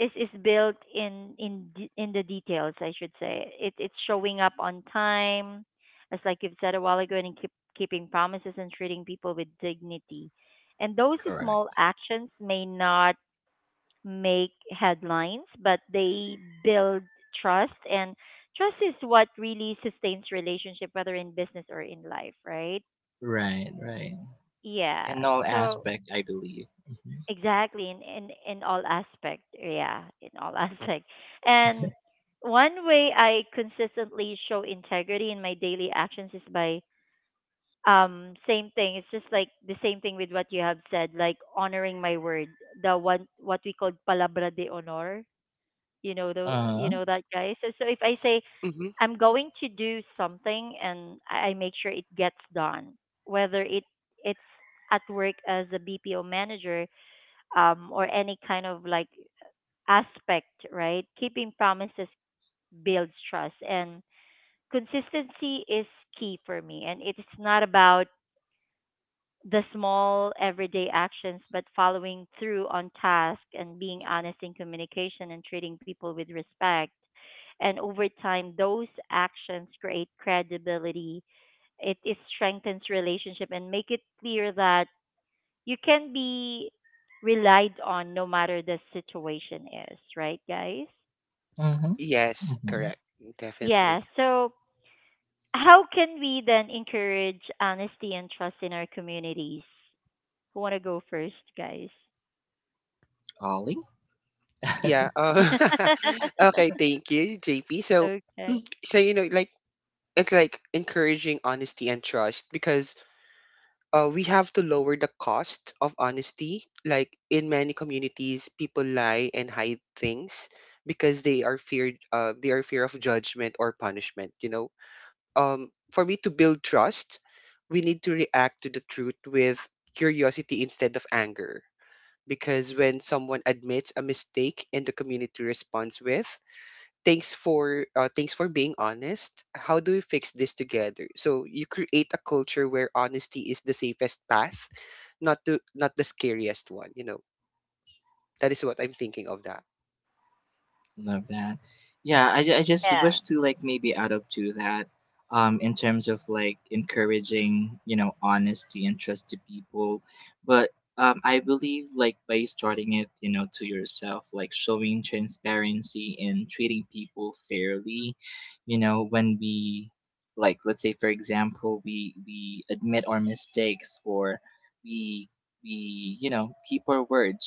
is is built in in de- in the details, I should say. It, it's showing up on time, as like you've said a while ago, and keep, keeping promises and treating people with dignity. And those small Correct. actions may not make headlines, but they build trust, and trust is what really sustains relationship, whether in business or in life, right? Right, right. Yeah. In all So aspect, I believe. Uh Exactly, in, in in all aspect, yeah, in all (laughs) aspect. And one way I consistently show integrity in my daily actions is by um same thing. It's just like the same thing with what you have said, like honoring my word, the one what we call palabra de honor. You know the, you huh. know that, guys. So so if I say Hmm. I'm going to do something, and I I make sure it gets done, whether it it's at work as a B P O manager, um, or any kind of like aspect, right? Keeping promises builds trust, and consistency is key for me. And it's not about the small everyday actions, but following through on tasks and being honest in communication and treating people with respect. And over time, those actions create credibility. It, it strengthens relationship and make it clear that you can be relied on no matter the situation is, right, guys? Uh huh. Yes, Mm-hmm. correct. Definitely. Yeah. So, how can we then encourage honesty and trust in our communities? Who want to go first, guys? Yeah. Hmm Uh, (laughs) okay, (laughs) thank you, J P. So, okay. so you know, like it's like encouraging honesty and trust, because uh, we have to lower the cost of honesty. Like in many communities, people lie and hide things because they are feared. Uh, they are fear of judgment or punishment. You know, um, for me to build trust, we need to react to the truth with curiosity instead of anger. Because when someone admits a mistake and the community responds with thanks for uh, thanks for being honest, how do we fix this together, so you create a culture where honesty is the safest path, not to not the scariest one, you know, that is what I'm thinking of that. Love that. Yeah, I, ju- I just Yeah. wish to like maybe add up to that um in terms of like encouraging, you know, honesty and trust to people. But um I believe like by starting it, you know, to yourself, like showing transparency and treating people fairly, you know, when we like let's say for example we we admit our mistakes or we we you know keep our words,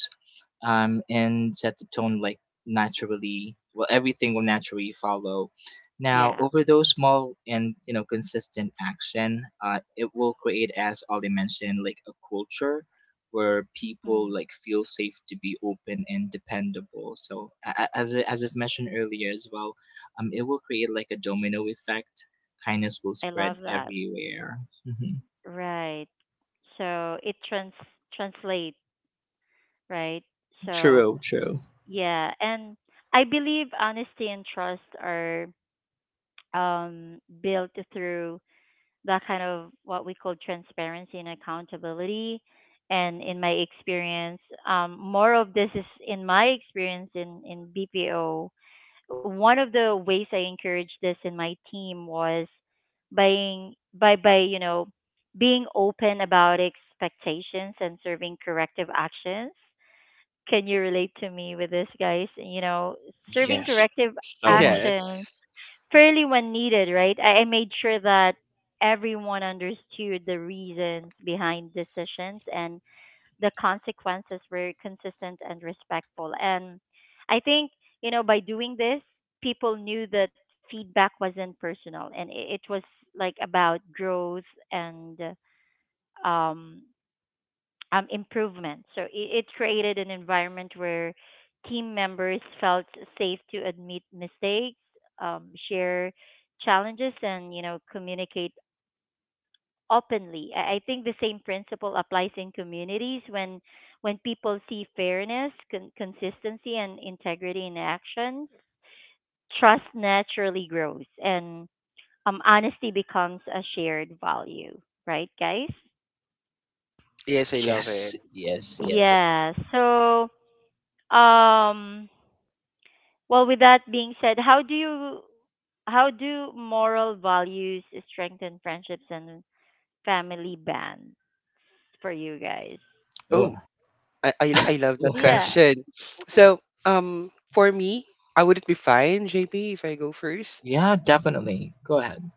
um and set the tone like naturally, well, everything will naturally follow now Yeah. over those small and, you know, consistent action. Uh, it will create, as Ali mentioned, like a culture where people Mm, like feel safe to be open and dependable. So a- a- as, I- as I've mentioned earlier as well, um, it will create like a domino effect. Kindness will I spread love that. everywhere. Hmm. Right. So it trans translate, right? So True, true. yeah, and I believe honesty and trust are um, built through that kind of what we call transparency and accountability. And in my experience, um, more of this is in my experience in, in B P O. One of the ways I encouraged this in my team was by by by you know being open about expectations and serving corrective actions. Can you relate to me with this, guys? You know, serving Yes, corrective so much. actions Yes. fairly when needed, right? I, I made sure that everyone understood the reasons behind decisions and the consequences were consistent and respectful. And I think, you know, by doing this, people knew that feedback wasn't personal and it, it was like about growth and um um, improvement. So it, it created an environment where team members felt safe to admit mistakes, um, share challenges, and you know communicate openly. I, I think the same principle applies in communities when when people see fairness, con- consistency, and integrity in actions. Trust naturally grows, and um, honesty becomes a shared value. Right, guys? Yes, I love it. Yes, yes, yes. Yeah. So um well, with that being said, how do you how do moral values strengthen friendships and family bonds for you guys? Oh, Oh. i i, lo- I love that (laughs) Yeah. question, so um for me, I wouldn't be fine, JP, if I go first. Yeah, definitely. Go ahead.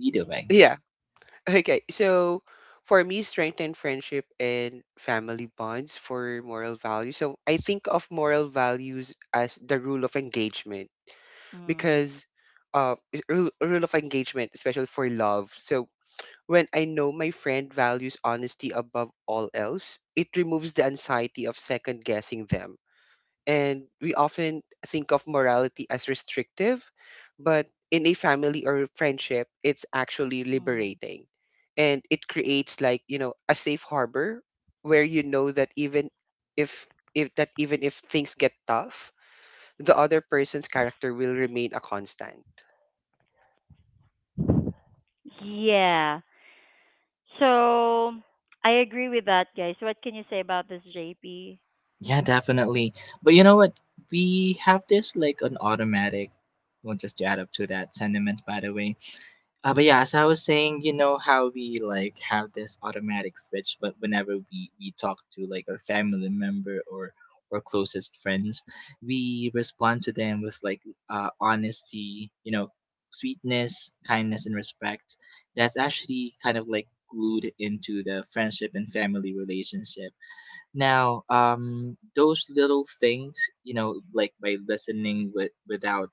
Either way. Okay, so for me, strengthen friendship and family bonds for moral values. So I think of moral values as the rule of engagement, Mm. because uh, is- rule, rule of engagement, especially for love. So when I know my friend values honesty above all else, it removes the anxiety of second guessing them, and we often think of morality as restrictive, but in a family or friendship, it's actually Mm. liberating. And it creates, like, you know, a safe harbor where you know that even if if that even if things get tough, the other person's character will remain a constant. Yeah. So I agree with that, guys. What can you say about this, J P? Yeah, definitely. But you know what? We have this like an automatic, well, just to add up to that sentiment, by the way. Uh, but yeah, as I was saying, you know how we like have this automatic switch, but whenever we we talk to like our family member or or closest friends, we respond to them with like uh, honesty, you know, sweetness, kindness, and respect. That's actually kind of like glued into the friendship and family relationship. Now, um, those little things, you know, like by listening with, without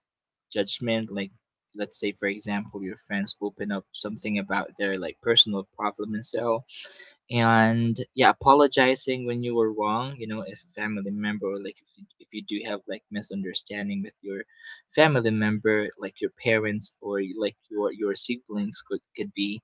judgment, like let's say for example your friends open up something about their like personal problem. And so, and yeah, apologizing when you were wrong, you know, if a family member or like if you, if you do have like misunderstanding with your family member like your parents or like your your siblings, could could be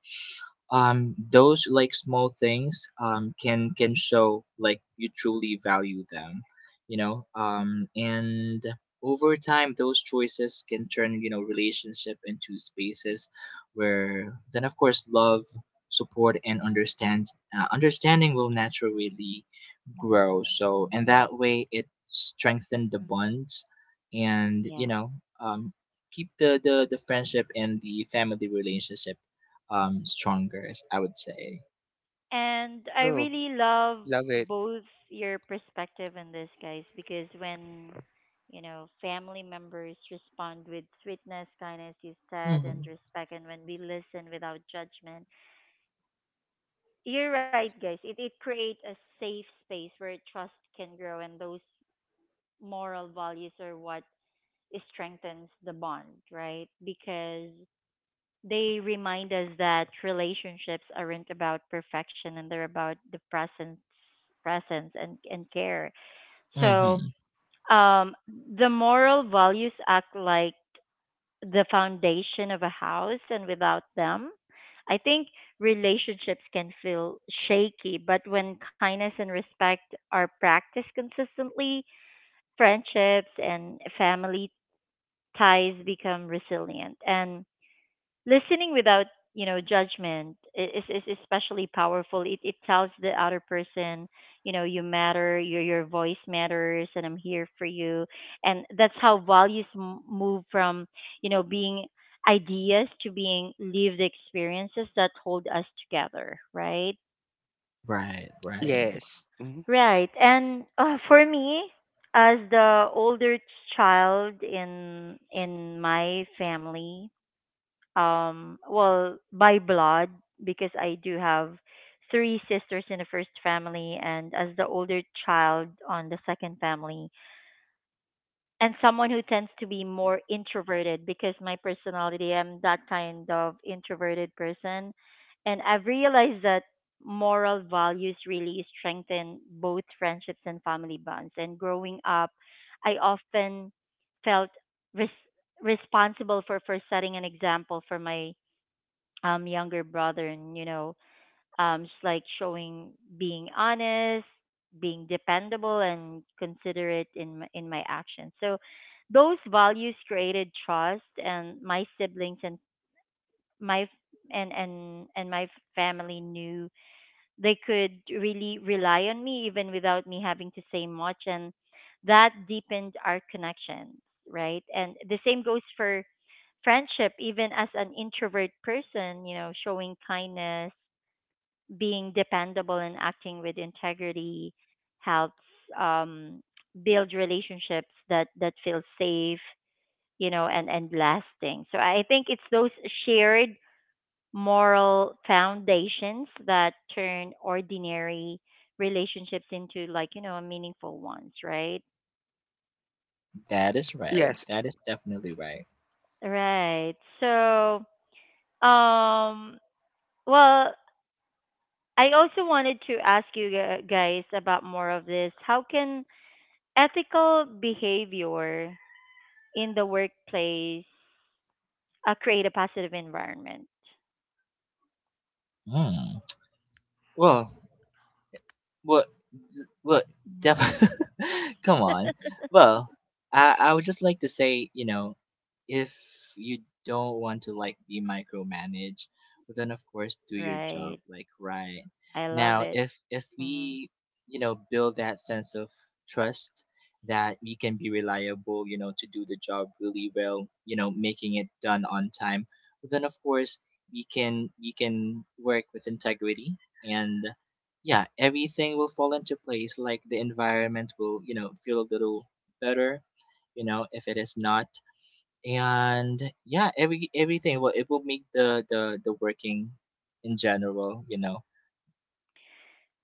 um those like small things um can can show like you truly value them, you know. Um and over time those choices can turn, you know, relationship into spaces where then of course love, support and understand uh, understanding will naturally grow. So and that way it strengthened the Mm. bonds and you Yeah. know, um, keep the, the the friendship and the family relationship um stronger, as I would say. And I Oh, really love love it. both your perspective on this, guys, because when, you know, family members respond with sweetness, kindness, you said, Mm-hmm. and respect, and when we listen without judgment, you're right, guys. It, it creates a safe space where trust can grow, and those moral values are what strengthens the bond, right? Because they remind us that relationships aren't about perfection, and they're about the presence presence and, and care. So Mm-hmm. um the moral values act like the foundation of a house, and without them I think relationships can feel shaky. But when kindness and respect are practiced consistently, friendships and family ties become resilient. And listening without you know judgment i- is is especially powerful. It it tells the other person, you know you matter, your your voice matters, and I'm here for you. And that's how values m- move from you know being ideas to being lived experiences that hold us together, right? Right, right. Yes. Mhm. Right. And uh, for me, as the older child in in my family, um well, by blood, because I do have three sisters in the first family, and as the older child on the second family, and someone who tends to be more introverted, because my personality, I'm that kind of introverted person. And I've realized that moral values really strengthen both friendships and family bonds. And growing up, I often felt res- responsible for for setting an example for my um younger brother. And you know um just like showing, being honest, being dependable and considerate in my, in my actions. So those values created trust, and my siblings and my f- and and and my family knew they could really rely on me even without me having to say much, and that deepened our connection. Right. And the same goes for friendship. Even as an introvert person, you know showing kindness, being dependable, and acting with integrity helps um build relationships that that feel safe, you know and and lasting. So I think it's those shared moral foundations that turn ordinary relationships into, like, you know meaningful ones, right? That is right. Yes. That is definitely right. Right. So, um well I also wanted to ask you gu- guys about more of this. How can ethical behavior in the workplace uh, create a positive environment? Mm. Well, well, well, def- Hmm. (laughs) come on. (laughs) Well, I I would just like to say, you know, if you don't want to like be micromanaged, well then of course do your job Right. like right. I love Now, it. if if Hmm. we, you know, build that sense of trust that we can be reliable, you know, to do the job really well, you know, making it done on time, well, then of course we can we can work with integrity and yeah, everything will fall into place. Like the environment will, you know, feel a little better, you know, if it is not. And yeah, every everything will it will make the the the working in general, you know,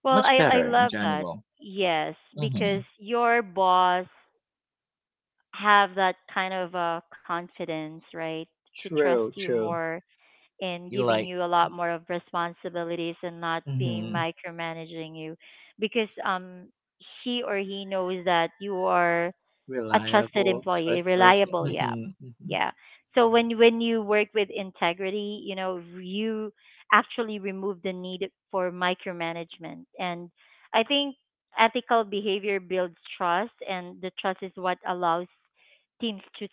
Well, much I I better in love that. general. Yes, Mm-hmm. because your boss have that kind of uh, confidence, right, to trust True, you true. more and You giving like you a lot more of responsibilities and not being mm-hmm. micromanaging you, because um he or he knows that you are a trusted Reliable, employee, trustworthy. reliable. Mm-hmm, Yeah, mm-hmm, yeah. So when when you work with integrity, you know, you actually remove the need for micromanagement. And I think ethical behavior builds trust, and the trust is what allows teams to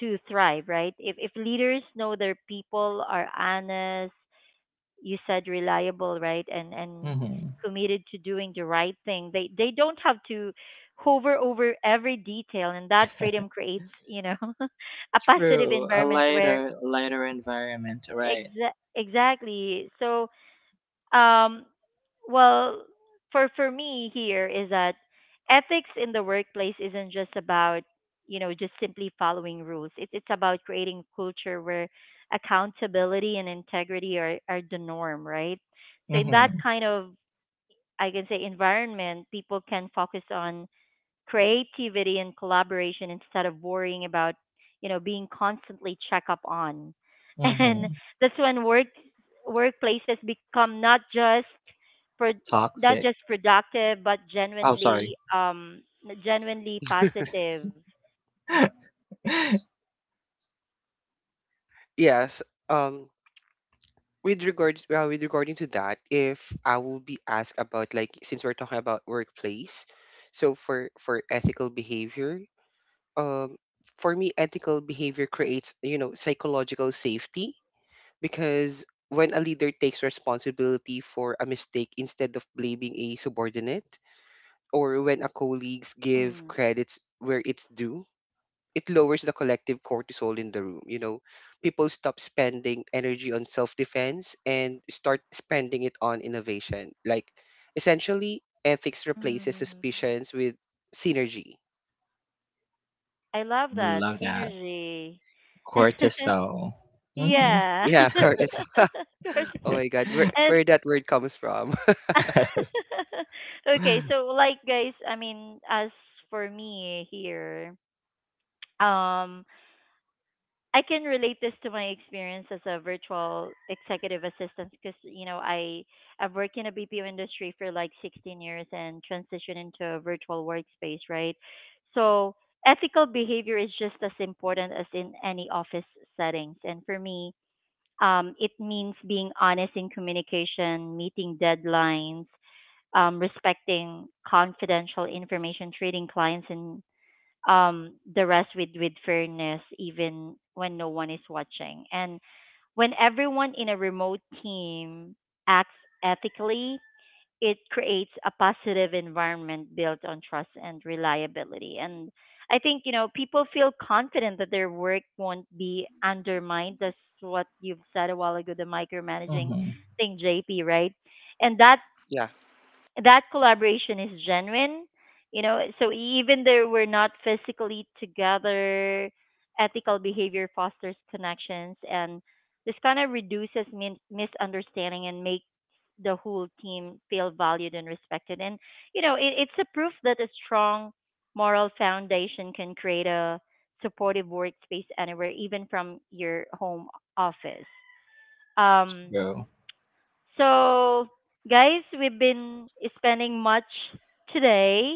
to thrive. Right? If if leaders know their people are honest, you said, reliable, right? And and mm-hmm. committed to doing the right thing, they they don't have to hover over every detail, and that freedom creates, you know, (laughs) a positive True, a environment where lighter, lighter environment, right? exa- exactly. So, um, well, for for me here is that ethics in the workplace isn't just about, you know just simply following rules. It's it's about creating a culture where accountability and integrity are are the norm, right? So in that Mm-hmm, kind of, I can say, environment, people can focus on creativity and collaboration instead of worrying about, you know being constantly check up on. (laughs) and mm-hmm. that's when work workplaces become not just pro, not Toxic. just productive but Oh, sorry. genuinely um genuinely positive. (laughs) (laughs) Yes. Um with regard uh, with regarding to that, if I will be asked about, like, since we're talking about workplace, so for for ethical behavior, um, for me, ethical behavior creates, you know, psychological safety, because when a leader takes responsibility for a mistake instead of blaming a subordinate, or when a colleagues give Mm. credits where it's due, it lowers the collective cortisol in the room. You know, people stop spending energy on self defense and start spending it on innovation. Like, essentially, ethics replaces Mm. suspicions with synergy. I love that Love that. synergy. (laughs) Cortisol. Mm-hmm. yeah, Yeah, cortisol. (laughs) of (laughs) course. Oh my God, where, And where that word comes from. (laughs) (laughs) okay, so, like, guys, I mean, as for me here, um, I can relate this to my experience as a virtual executive assistant, because you know I I've worked in a B P O industry for like sixteen years and transitioned into a virtual workspace, right? So ethical behavior is just as important as in any office settings. And for me, um, it means being honest in communication, meeting deadlines, um, respecting confidential information, treating clients and, um, the rest with, with fairness, even when no one is watching. And when everyone in a remote team acts ethically, it creates a positive environment built on trust and reliability. And I think, you know, people feel confident that their work won't be undermined. That's what you've said a while ago, the micromanaging Mm-hmm. thing, J P, right? And that Yeah. that collaboration is genuine, you know so even though we're not physically together, ethical behavior fosters connections, and this kind of reduces min- misunderstanding, and makes the whole team feel valued and respected. And you know it, it's a proof that a strong moral foundation can create a supportive workspace anywhere, even from your home office. Um True. so, guys, we've been spending much today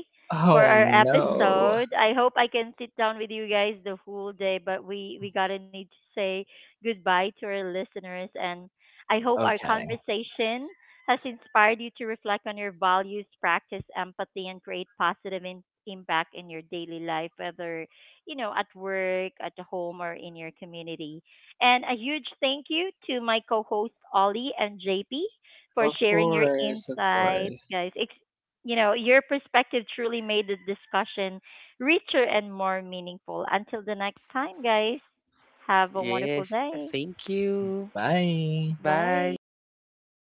for Oh our no. episode. I hope I can sit down with you guys the whole day, but we we gotta need to say goodbye to our listeners. And I hope our Okay. conversation has inspired you to reflect on your values, practice empathy, and create positive in- impact in your daily life, whether you know at work, at home, or in your community. And a huge thank you to my co hosts, Ollie and J P, for Of sharing your course, of insights, guys. course. It's, you know, your perspective truly made the discussion richer and more meaningful. Until the next time, guys, have a wonderful Yes. day. Thank you. Bye. Bye. Bye.